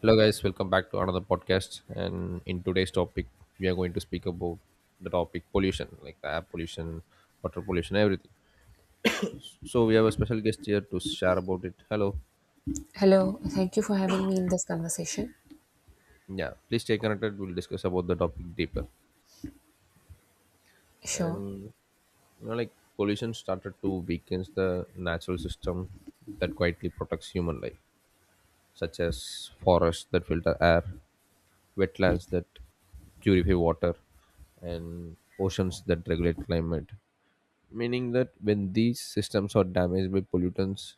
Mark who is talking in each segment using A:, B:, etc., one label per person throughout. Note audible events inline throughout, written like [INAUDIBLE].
A: Hello, guys. Welcome back to another podcast. And in today's topic, we are going to speak about the topic pollution, like the air pollution, water pollution, everything. So we have a special guest here to share about it. Hello.
B: Hello, thank you for having me in this conversation.
A: Yeah. Please stay connected. We'll discuss about the topic deeper.
B: Sure.
A: And like pollution started to weaken the natural system that quietly protects human life, such as forests that filter air, wetlands that purify water, and oceans that regulate climate, meaning that when these systems are damaged by pollutants,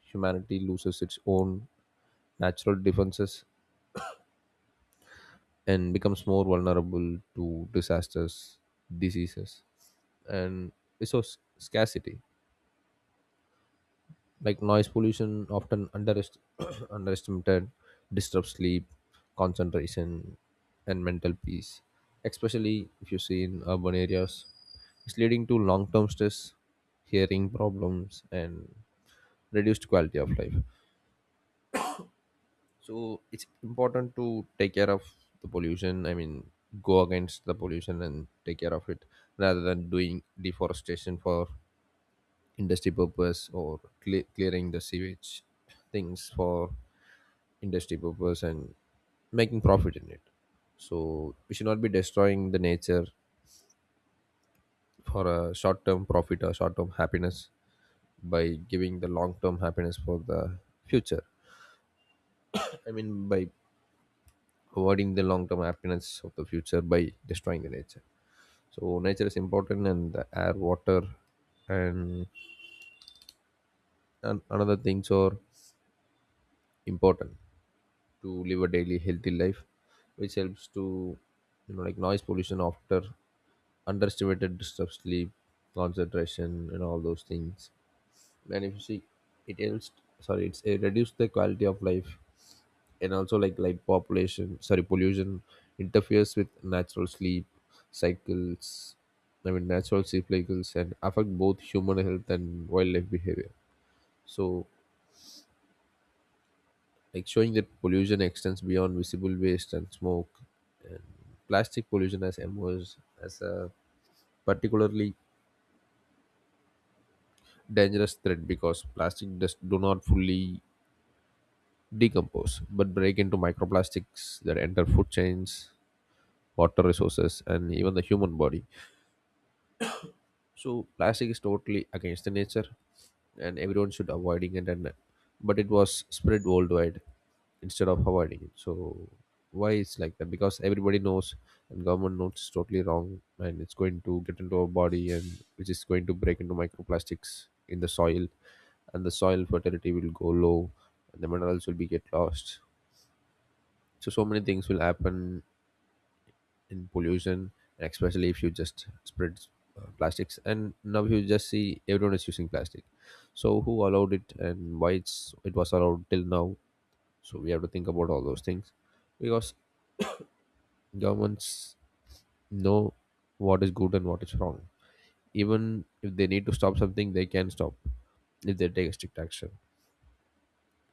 A: humanity loses its own natural defenses and becomes more vulnerable to disasters, diseases, and resource scarcity. Like noise pollution, often [CLEARS THROAT] underestimated, disrupts sleep, concentration, and mental peace, especially if you see in urban areas. It's leading to long term stress, hearing problems, and reduced quality of life. So it's important to take care of the pollution. I mean, go against the pollution and take care of it rather than doing deforestation for industry purpose or clearing the sewage things for industry purpose and making profit in it. So we should not be destroying the nature for a short term profit or short term happiness by giving the long term happiness for the future. I mean, by avoiding the long-term happiness of the future by destroying the nature. So nature is important, and the air, water, and, and another things are important to live a daily healthy life which helps to, you know, like noise pollution after underestimated disturbs sleep, concentration, and all those things. And if you see, it helps, sorry, it reduces the quality of life. And also like light population, sorry, pollution interferes with natural sleep cycles. I mean, natural sleep cycles and affect both human health and wildlife behavior. So, like showing that pollution extends beyond visible waste and smoke. And plastic pollution has emerged as a particularly dangerous threat because plastic does do not fully decompose but break into microplastics that enter food chains, water resources, and even the human body. So plastic is totally against the nature, and everyone should avoiding it. And but it was spread worldwide instead of avoiding it. So why it's like that? Because everybody knows, and government knows it's totally wrong, and it's going to get into our body, and which is going to break into microplastics in the soil, and the soil fertility will go low, and the minerals will be get lost. So so many things will happen in pollution, and especially if you just spread plastics and now you just see everyone is using plastic. So who allowed it and why it was allowed till now? So we have to think about all those things because governments know what is good and what is wrong. Even if they need to stop something, they can stop if they take strict action.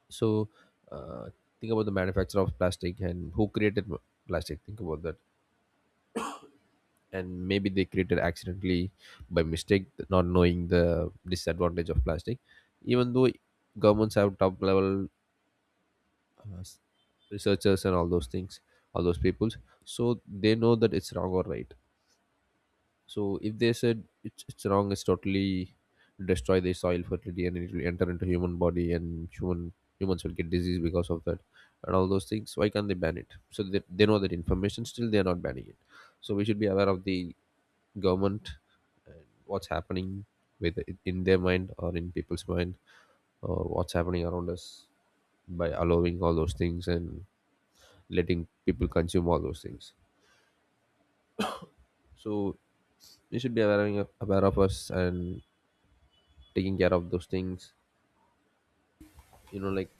A: So uh, think about the manufacturer of plastic and who created plastic, think about that. And maybe they created accidentally by mistake, not knowing the disadvantage of plastic. Even though governments have top level uh, s- researchers and all those things, all those peoples, so they know that it's wrong or right. So if they said it's wrong, it's totally destroy the soil fertility, and it will enter into human body, and humans will get disease because of that. And all those things, why can't they ban it? So they know that information still they are not banning it. So we should be aware of the government and what's happening with, in their mind or in people's mind, or what's happening around us by allowing all those things and letting people consume all those things. So we should be aware of us and taking care of those things, you know, like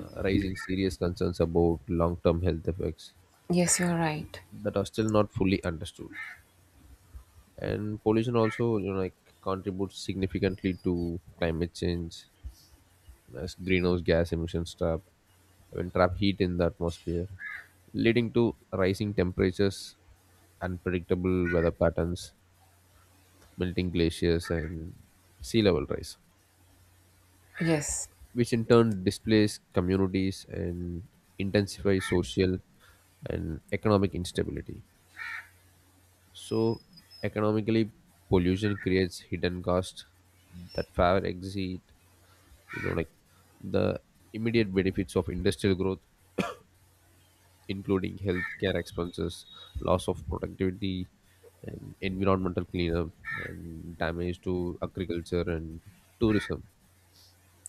A: raising serious concerns about long-term health effects
B: Yes, you're right.
A: that are still not fully understood. And pollution also, you know, like, contributes significantly to climate change, as greenhouse gas emissions trap, even trap heat in the atmosphere, leading to rising temperatures, unpredictable weather patterns, melting glaciers, and sea level rise,
B: Yes,
A: which in turn displace communities and intensifies social and economic instability. So, economically, pollution creates hidden costs that far exceed, you know, like the immediate benefits of industrial growth, including healthcare expenses, loss of productivity, and environmental cleanup, and damage to agriculture and tourism,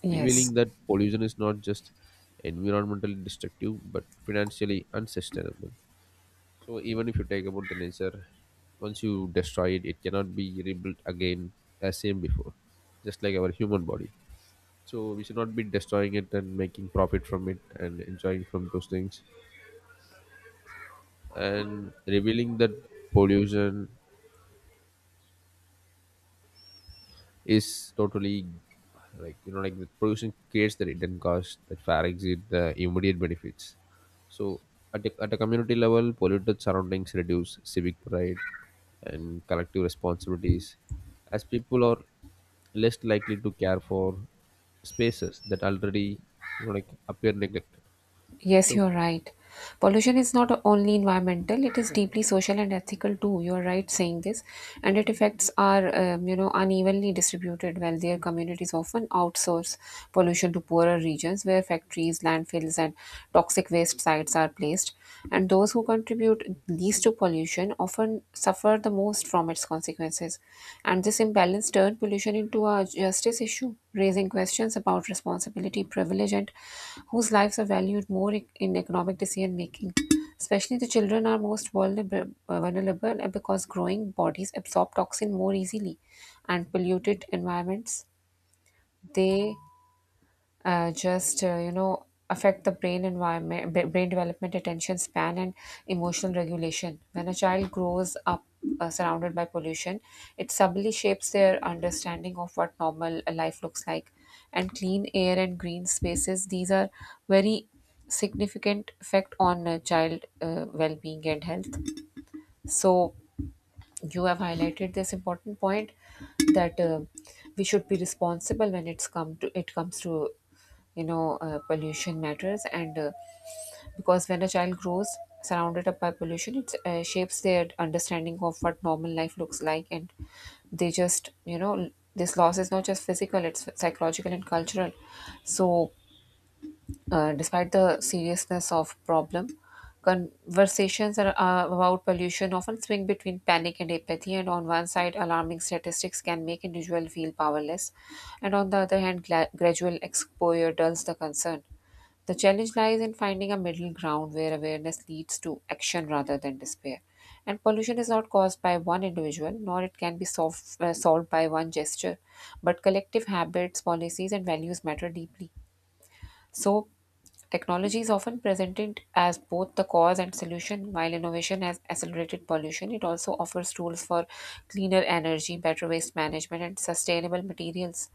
B: yes,
A: revealing that pollution is not just environmentally destructive but financially unsustainable. So, even if you take about the nature, once you destroy it, it cannot be rebuilt again as same before, just like our human body. So we should not be destroying it and making profit from it and enjoying from those things. And revealing that pollution is totally, like, the pollution creates the hidden cost that far exceed the immediate benefits. So at a community level, polluted surroundings reduce civic pride and collective responsibilities, as people are less likely to care for spaces that already, you know, appear neglected.
B: yes,
A: So
B: you're right. Pollution is not only environmental, it is deeply social and ethical too. You're right saying this. And it affects our, unevenly distributed wealthier communities often outsource pollution to poorer regions where factories, landfills, and toxic waste sites are placed. And those who contribute least to pollution often suffer the most from its consequences. And this imbalance turned pollution into a justice issue, raising questions about responsibility, privilege, and whose lives are valued more in economic decision making. Especially the children are most vulnerable because growing bodies absorb toxin more easily, and polluted environments they just affect the brain environment brain development, attention span, and emotional regulation. When a child grows up surrounded by pollution, it subtly shapes their understanding of what normal life looks like. And clean air and green spaces, these are very significant effect on child well-being and health. So you have highlighted this important point that we should be responsible when it comes to pollution matters. And Because when a child grows surrounded up by pollution, it shapes their understanding of what normal life looks like. And they just you know this loss is not just physical, it's psychological and cultural. So despite the seriousness of problem, conversations are, about pollution often swing between panic and apathy. And on one side, alarming statistics can make individuals feel powerless, and on the other hand, gradual exposure dulls the concern. The challenge lies in finding a middle ground where awareness leads to action rather than despair. And pollution is not caused by one individual, nor it can be solved by one gesture, but collective habits, policies, and values matter deeply. So, technology is often presented as both the cause and solution. While innovation has accelerated pollution, it also offers tools for cleaner energy, better waste management, and sustainable materials.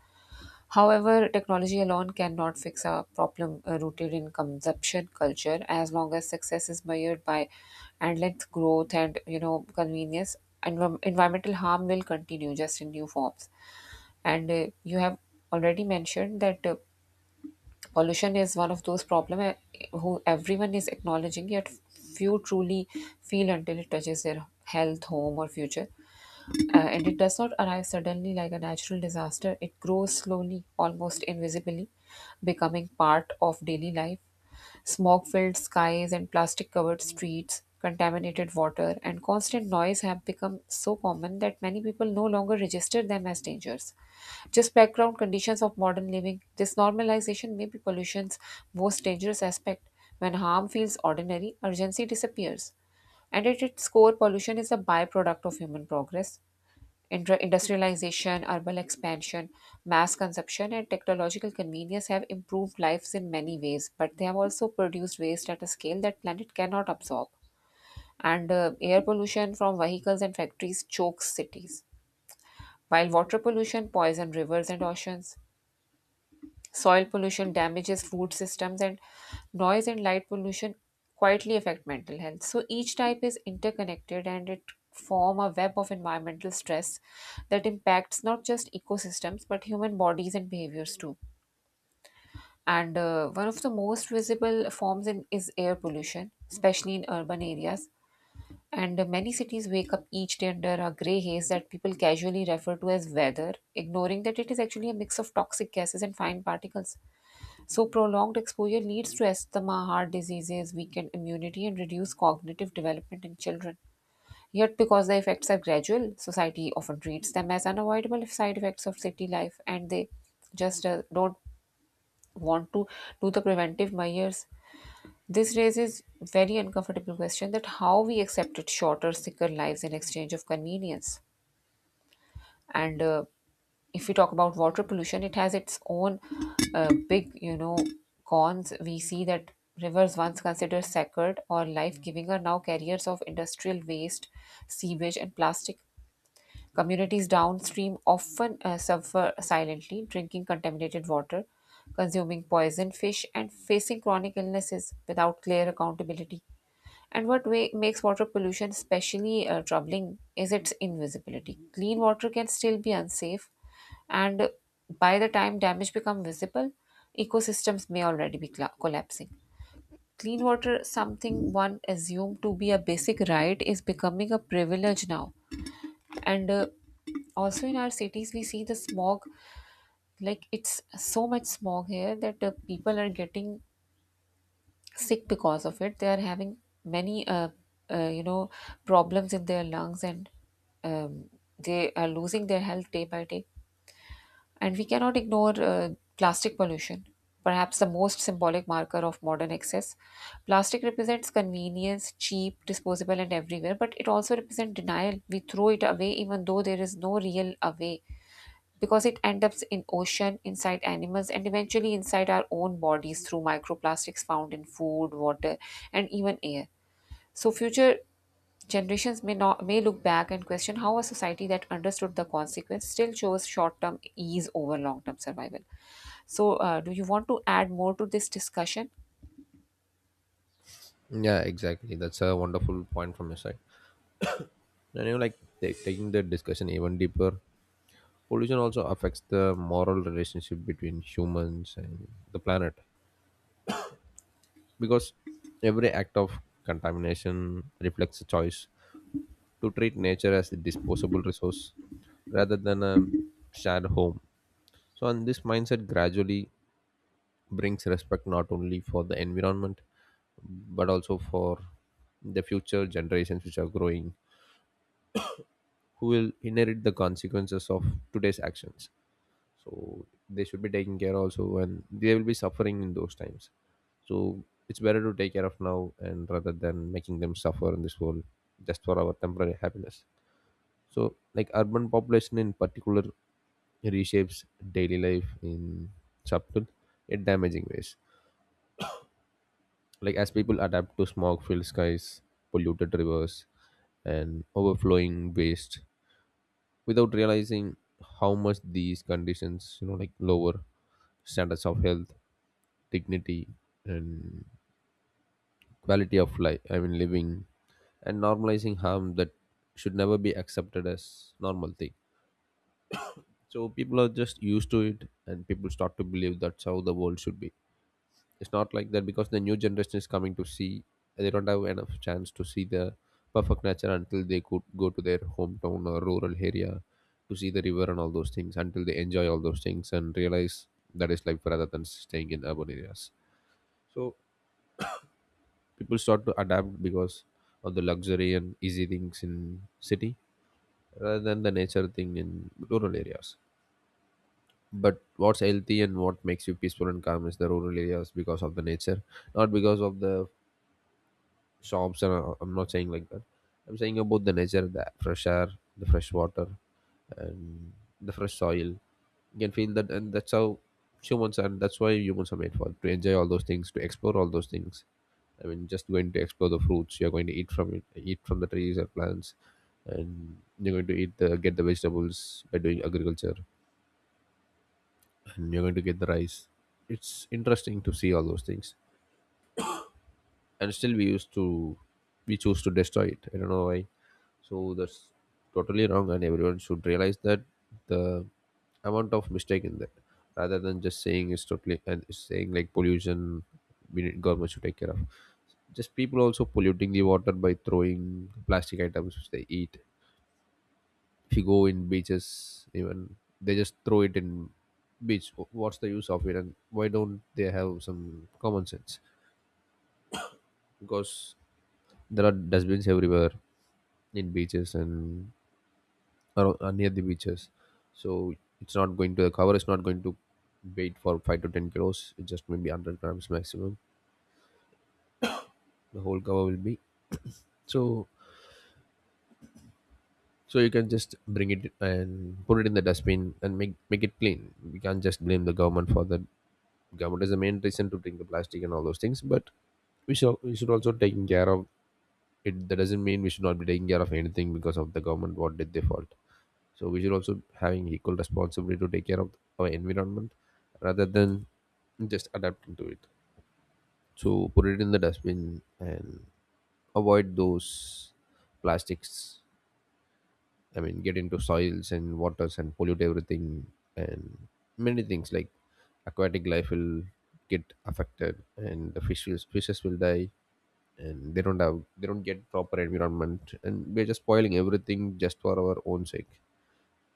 B: However, technology alone cannot fix a problem rooted in consumption culture. As long as success is measured by endless growth and convenience, environmental harm will continue just in new forms. And you have already mentioned that pollution is one of those problems who everyone is acknowledging, yet few truly feel until it touches their health, home, or future. And it does not arrive suddenly like a natural disaster. It grows slowly, almost invisibly, becoming part of daily life. Smog filled skies and plastic covered streets, contaminated water, and constant noise have become so common that many people no longer register them as dangers. Just background conditions of modern living, this normalization may be pollution's most dangerous aspect. When harm feels ordinary, urgency disappears. And at its core, pollution is a byproduct of human progress. Industrialization, urban expansion, mass consumption, and technological convenience have improved lives in many ways, but they have also produced waste at a scale that planet cannot absorb. And Air pollution from vehicles and factories chokes cities, while water pollution poison rivers and oceans. Soil pollution damages food systems, and noise and light pollution quietly affect mental health. So each type is interconnected and it form a web of environmental stress that impacts not just ecosystems but human bodies and behaviors too. And One of the most visible forms is air pollution, especially in urban areas. And Many cities wake up each day under a grey haze that people casually refer to as weather, ignoring that it is actually a mix of toxic gases and fine particles. So, prolonged exposure leads to asthma, heart diseases, weakened immunity, and reduced cognitive development in children. Yet, because the effects are gradual, society often treats them as unavoidable side effects of city life, and they just don't want to do the preventive measures. This raises very uncomfortable question that how we accepted shorter, sicker lives in exchange of convenience. And If we talk about water pollution, it has its own big, cons. We see that rivers once considered sacred or life-giving are now carriers of industrial waste, sewage, and plastic. Communities downstream often suffer silently, drinking contaminated water, consuming poison fish, and facing chronic illnesses without clear accountability. And what way makes water pollution especially troubling is its invisibility. Clean water can still be unsafe, and by the time damage become visible, ecosystems may already be cla collapsing. Clean water, something one assumed to be a basic right, is becoming a privilege now. And Also in our cities, we see the smog, like it's so much smog here that people are getting sick because of it. They are having many uh, you know problems in their lungs, and um, they are losing their health day by day. And we cannot ignore plastic pollution, perhaps the most symbolic marker of modern excess. Plastic represents convenience, cheap, disposable, and everywhere, but it also represents denial. We throw it away even though there is no real away, because it ends up in ocean, inside animals, and eventually inside our own bodies through microplastics found in food, water, and even air. So future generations may not may look back and question how a society that understood the consequence still chose short-term ease over long-term survival. So do you want to add more to this discussion?
A: yeah, exactly, that's a wonderful point from your side. And you know, like, taking the discussion even deeper, pollution also affects the moral relationship between humans and the planet, because every act of contamination reflects a choice to treat nature as a disposable resource rather than a shared home. So and this mindset gradually brings respect not only for the environment but also for the future generations, which are growing, who will inherit the consequences of today's actions. So they should be taking care also, and they will be suffering in those times. So it's better to take care of now and rather than making them suffer in this world just for our temporary happiness. So like urban population in particular reshapes daily life in subtle yet damaging ways, like as people adapt to smog filled skies, polluted rivers, and overflowing waste, without realizing how much these conditions, you know, lower standards of health, dignity, and quality of life. I mean, living, and normalizing harm that should never be accepted as normal thing. So people are just used to it, and people start to believe that's how the world should be. It's not like that, because the new generation is coming to see, they don't have enough chance to see the perfect nature until they could go to their hometown or rural area to see the river and all those things, until they enjoy all those things and realize that is life rather than staying in urban areas. So people start to adapt because of the luxury and easy things in city rather than the nature thing in rural areas. But what's healthy and what makes you peaceful and calm is the rural areas because of the nature, not because of the shops and, I'm not saying like that. I'm saying about the nature, the fresh air, the fresh water, and the fresh soil. You can feel that, and that's how humans are, that's why humans are made for, to enjoy all those things, to explore all those things. I mean, just going to explore the fruits you're going to eat from it, eat from the trees or plants. And you're going to eat the, get the vegetables by doing agriculture, and you're going to get the rice. It's interesting to see all those things, and still we choose to destroy it, I don't know why. So that's totally wrong, and everyone should realize that, the amount of mistake in that, rather than just saying it's totally and it's saying like pollution, we need government should take care of. Just people also polluting the water by throwing plastic items which they eat. If you go in beaches, even they just throw it in beach. What's the use of it, and why don't they have some common sense? Because there are dustbins everywhere in beaches and or near the beaches. So it's not going to, the cover is not going to wait for 5 to 10 kilos, it just maybe 100 grams maximum the whole cover will be. So so you can just bring it and put it in the dustbin and make it clean. We can't just blame the government for that. Government is the main reason to bring the plastic and all those things, but we should also taking care of it. That doesn't mean we should not be taking care of anything because of the government, what did they fault. So we should also having equal responsibility to take care of our environment rather than just adapting to it. So put it in the dustbin and avoid those plastics. I mean, get into soils and waters and pollute everything. And many things like aquatic life will get affected, and the fishes will die, and they don't get proper environment, and we're just spoiling everything just for our own sake.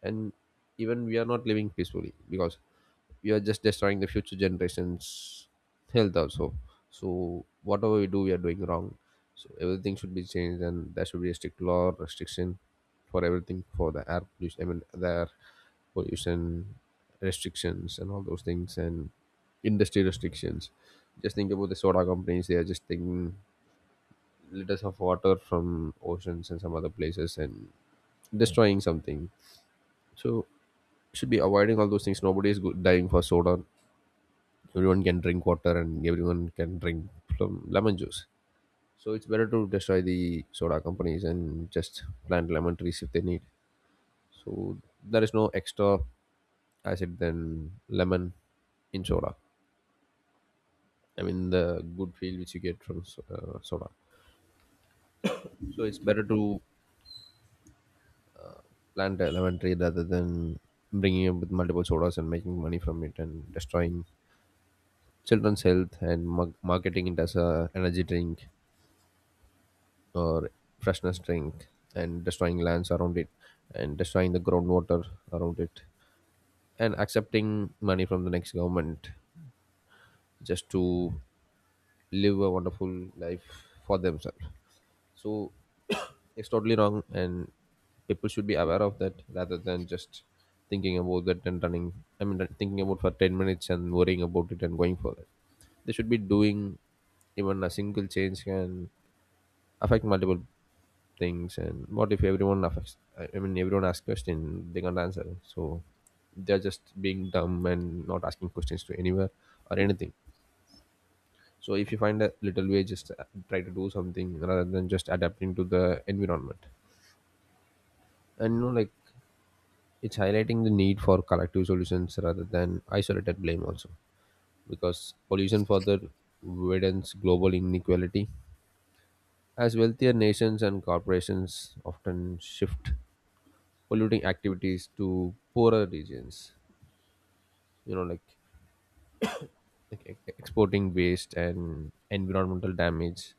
A: And even we are not living peacefully because we are just destroying the future generations health also. So whatever we do, we are doing wrong. So everything should be changed, and there should be a strict law restriction for everything, for the air pollution. I mean, the air pollution restrictions and all those things, and industry restrictions. Just think about the soda companies, they are just taking liters of water from oceans and some other places and destroying something. So should be avoiding all those things. Nobody is dying for soda. Everyone can drink water, and everyone can drink lemon juice. So it's better to destroy the soda companies and just plant lemon trees if they need. So there is no extra acid than lemon in soda. I mean the good feel which you get from soda. So it's better to plant a lemon tree rather than bringing up with multiple sodas and making money from it and destroying children's health, and marketing it as a energy drink or freshness drink, and destroying lands around it, and destroying the groundwater around it, and accepting money from the next government just to live a wonderful life for themselves. So [COUGHS] it's totally wrong, and people should be aware of that rather than just thinking about that and running I mean like, thinking about for 10 minutes and worrying about it and going for it. They should be doing, even a single change can affect multiple things. And what if everyone affects, I mean, everyone asks question, they can't answer. So they're just being dumb and not asking questions to anywhere or anything. So if you find a little way, just try to do something rather than just adapting to the environment. And you know, like, it's highlighting the need for collective solutions rather than isolated blame also, because pollution further widens global inequality, as wealthier nations and corporations often shift polluting activities to poorer regions, like, exporting waste and environmental damage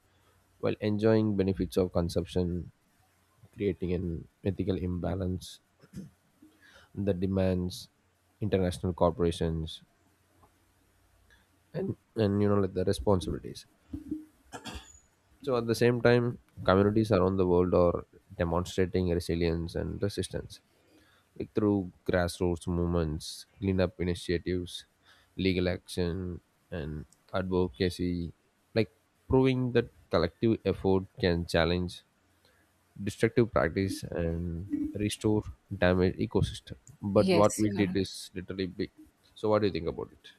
A: while enjoying benefits of consumption, creating an ethical imbalance that demands international corporations and, and, the responsibilities. So at the same time, communities around the world are demonstrating resilience and resistance, like through grassroots movements, cleanup initiatives, legal action, and advocacy, like proving that collective effort can challenge destructive practice and restore damaged ecosystem. But what
B: Yes,
A: we
B: you are.
A: did is literally big. So, what do you think about it?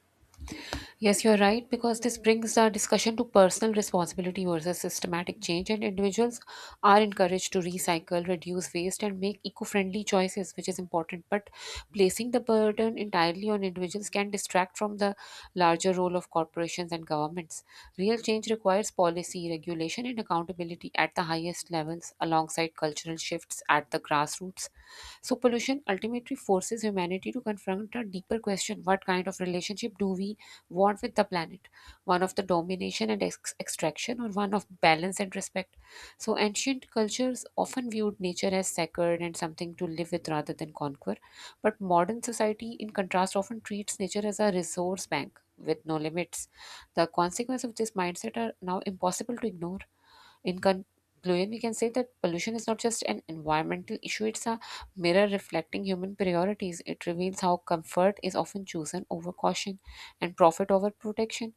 B: Yes, you're right, because this brings our discussion to personal responsibility versus systematic change, and individuals are encouraged to recycle, reduce waste, and make eco friendly choices, which is important. But placing the burden entirely on individuals can distract from the larger role of corporations and governments. Real change requires policy, regulation, and accountability at the highest levels, alongside cultural shifts at the grassroots. So, pollution ultimately forces humanity to confront a deeper question: what kind of relationship do we want with the planet? One of the domination and extraction, or one of balance and respect? So, ancient cultures often viewed nature as sacred and something to live with rather than conquer. But modern society, in contrast, often treats nature as a resource bank with no limits. The consequence of this mindset are now impossible to ignore. In conclusion, we can say that pollution is not just an environmental issue, it's a mirror reflecting human priorities. It reveals how comfort is often chosen over caution and profit over protection.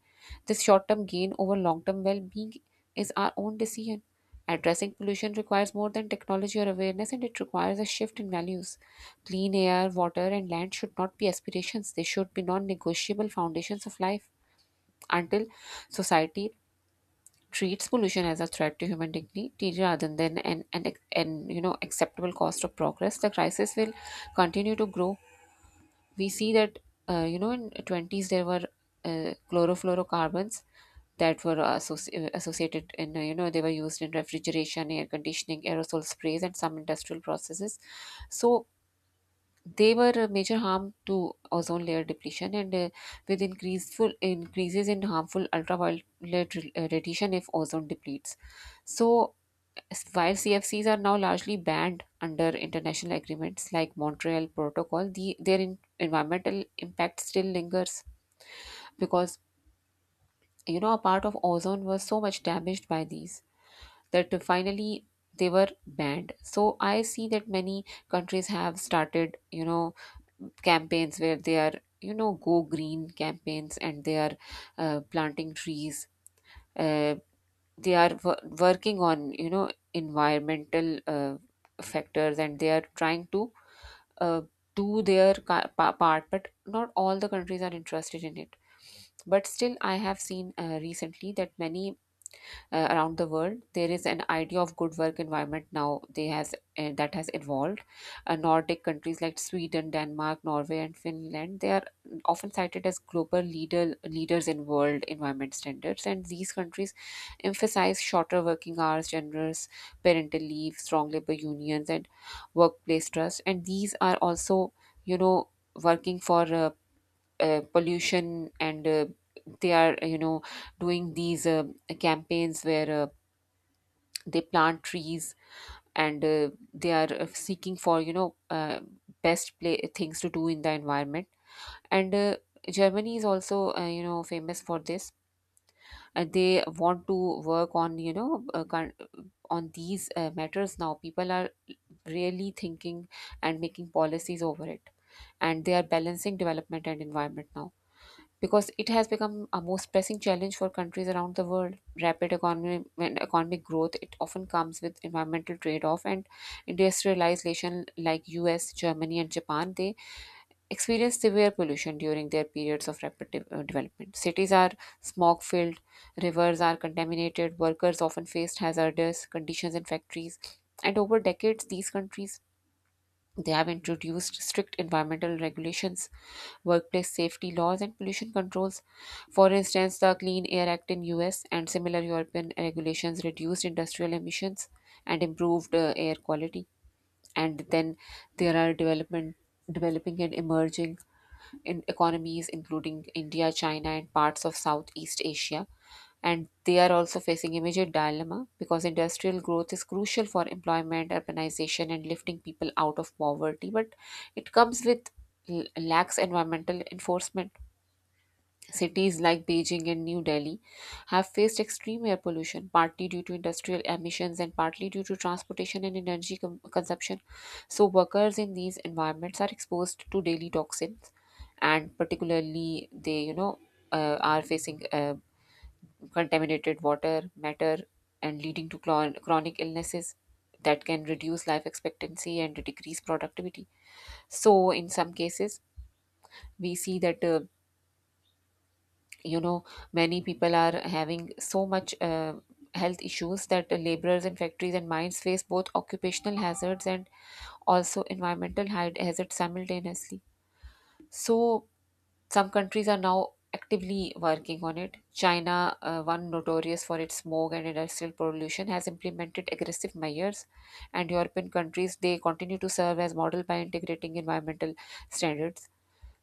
B: This short term gain over long term well being is our own decision. Addressing pollution requires more than technology or awareness, and it requires a shift in values. Clean air, water, and land should not be aspirations, they should be non negotiable foundations of life. Until society treats pollution as a threat to human dignity rather than an acceptable cost of progress, the crisis will continue to grow. We see that in 20s there were chlorofluorocarbons that were associated in, they were used in refrigeration, air conditioning, aerosol sprays, and some industrial processes. So they were a major harm to ozone layer depletion, and with increaseful increases in harmful radiation if ozone depletes. So while CFCs are now largely banned under international agreements like Montreal Protocol, the their environmental impact still lingers, because a part of ozone was so much damaged by these that finally they were banned. So I see that many countries have started, campaigns where they are, go green campaigns, and they are planting trees. uh, they are working on, environmental factors, and they are trying to uh, do their part, but not all the countries are interested in it. But still I have seen recently that many around the world, there is an idea of good work environment now they has that has evolved. Nordic countries like Sweden, Denmark, Norway, and Finland, they are often cited as global leaders in world environment standards, and these countries emphasize shorter working hours, generous parental leave, strong labor unions, and workplace trust. And these are also, you know working for pollution, and they are, doing these campaigns where they plant trees. And they are seeking for, best things to do in the environment. And Germany is also, famous for this. They want to work on, on these matters. Now people are really thinking and making policies over it, and they are balancing development and environment now, because it has become a most pressing challenge for countries around the world. Rapid economy, and economic growth, it often comes with environmental trade-off and industrialization like US, Germany and Japan, they experience severe pollution during their periods of rapid development. Cities are smog-filled, rivers are contaminated, workers often face hazardous conditions in factories. And over decades, these countries they have introduced strict environmental regulations, workplace safety laws, and pollution controls. For instance, the Clean Air Act in US and similar European regulations reduced industrial emissions and improved air quality. And then there are development developing and emerging in economies, including India, China, and parts of Southeast Asia. And they are also facing immediate dilemma because industrial growth is crucial for employment, urbanization, and lifting people out of poverty, but it comes with lax environmental enforcement. Cities like Beijing and New Delhi have faced extreme air pollution, partly due to industrial emissions and partly due to transportation and energy consumption. So, workers in these environments are exposed to daily toxins, and particularly they are facing contaminated water, matter, and leading to chronic illnesses that can reduce life expectancy and decrease productivity. So, in some cases, we see that. You know Many people are having so much health issues that laborers in factories and mines face both occupational hazards and also environmental hazards simultaneously. So some countries are now actively working on it. China, one notorious for its smog and industrial pollution, has implemented aggressive measures, and European countries they continue to serve as model by integrating environmental standards.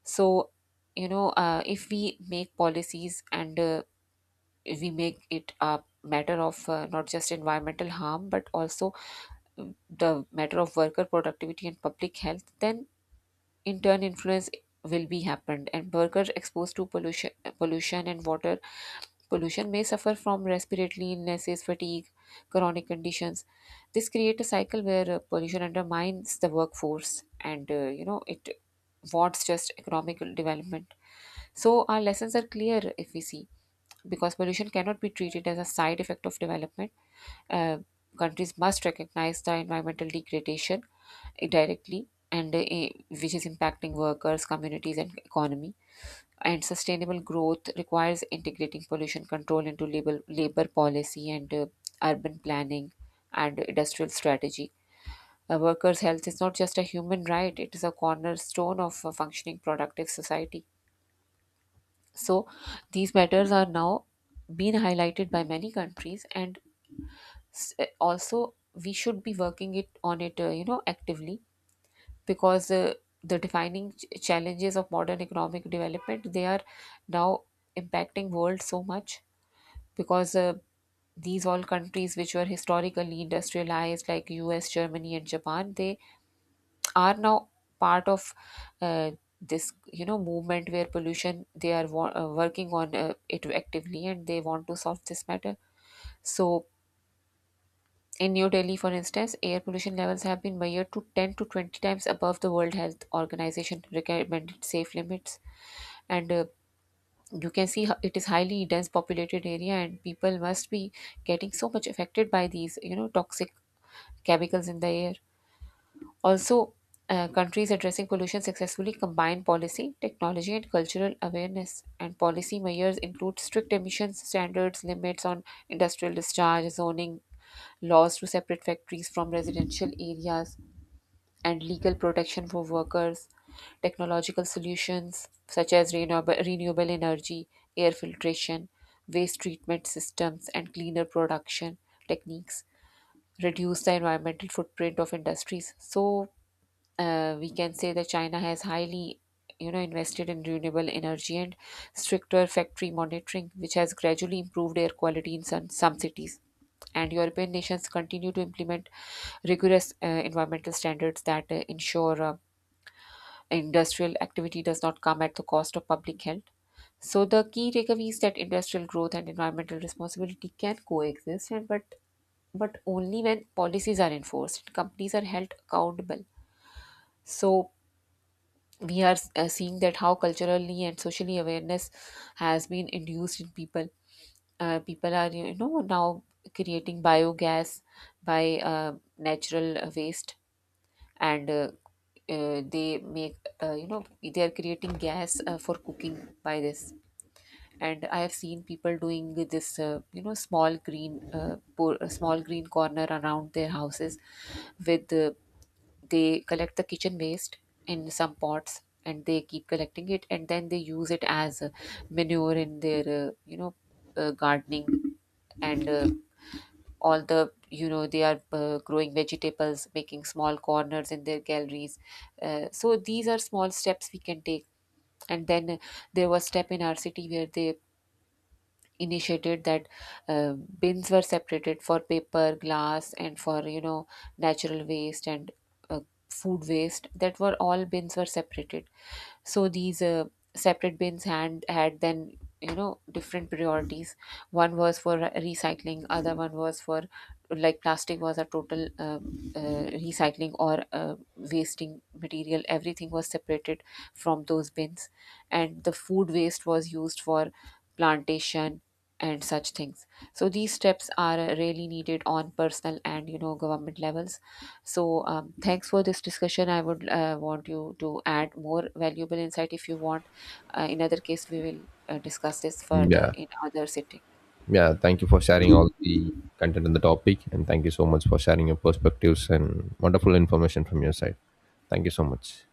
B: So, if we make policies and we make it a matter of not just environmental harm but also the matter of worker productivity and public health, then in turn influence will be happened, and workers exposed to pollution and water pollution may suffer from respiratory illnesses, fatigue, chronic conditions. This create a cycle where pollution undermines the workforce and it wards just economic development. So our lessons are clear, if we see, because pollution cannot be treated as a side effect of development. Uh, Countries must recognize the environmental degradation directly, and which is impacting workers, communities, and economy. And sustainable growth requires integrating pollution control into labor policy and urban planning and industrial strategy. A worker's health is not just a human right, it is a cornerstone of a functioning productive society. So these matters are now being highlighted by many countries, and also we should be working it on it, actively, because the defining challenges of modern economic development, they are now impacting world so much, because these all countries which were historically industrialized, like US, Germany and Japan, they are now part of uh, this movement where pollution, they are working on it actively, and they want to solve this matter. So in New Delhi, for instance, air pollution levels have been measured to 10 to 20 times above the World Health Organization recommended safe limits. And you can see it is highly dense populated area, and people must be getting so much affected by these toxic chemicals in the air. Also, countries addressing pollution successfully combine policy, technology, and cultural awareness. And policy measures include strict emissions standards, limits on industrial discharge, zoning laws to separate factories from residential areas, and legal protection for workers. Technological solutions such as renewable energy, air filtration, waste treatment systems, and cleaner production techniques reduce the environmental footprint of industries. So, we can say that China has highly invested in renewable energy and stricter factory monitoring, which has gradually improved air quality in some cities, and European nations continue to implement rigorous environmental standards that ensure industrial activity does not come at the cost of public health. So the key takeaway is that industrial growth and environmental responsibility can coexist, and but only when policies are enforced, and companies are held accountable. So we are seeing that how culturally and socially awareness has been induced in people. People are now creating biogas by natural waste, and they make, they are creating gas for cooking by this. And I have seen people doing this a small green corner around their houses with they collect the kitchen waste in some pots, and they keep collecting it, and then they use it as manure in their gardening, and all the they are growing vegetables, making small corners in their galleries. So these are small steps we can take. And then there was step in our city where they initiated that bins were separated for paper, glass, and for natural waste and uh, food waste. That were all bins were separated. So these separate bins had then different priorities. One was for recycling, other one was for, like, plastic was a total recycling or wasting material, everything was separated from those bins, and the food waste was used for plantation and such things. So these steps are really needed on personal and government levels. So thanks for this discussion, I would want you to add more valuable insight if you want. In other case we will discuss this further
A: Yeah,
B: in other sitting.
A: yeah. Thank you for sharing all the content on the topic, and thank you so much for sharing your perspectives and wonderful information from your side. Thank you so much.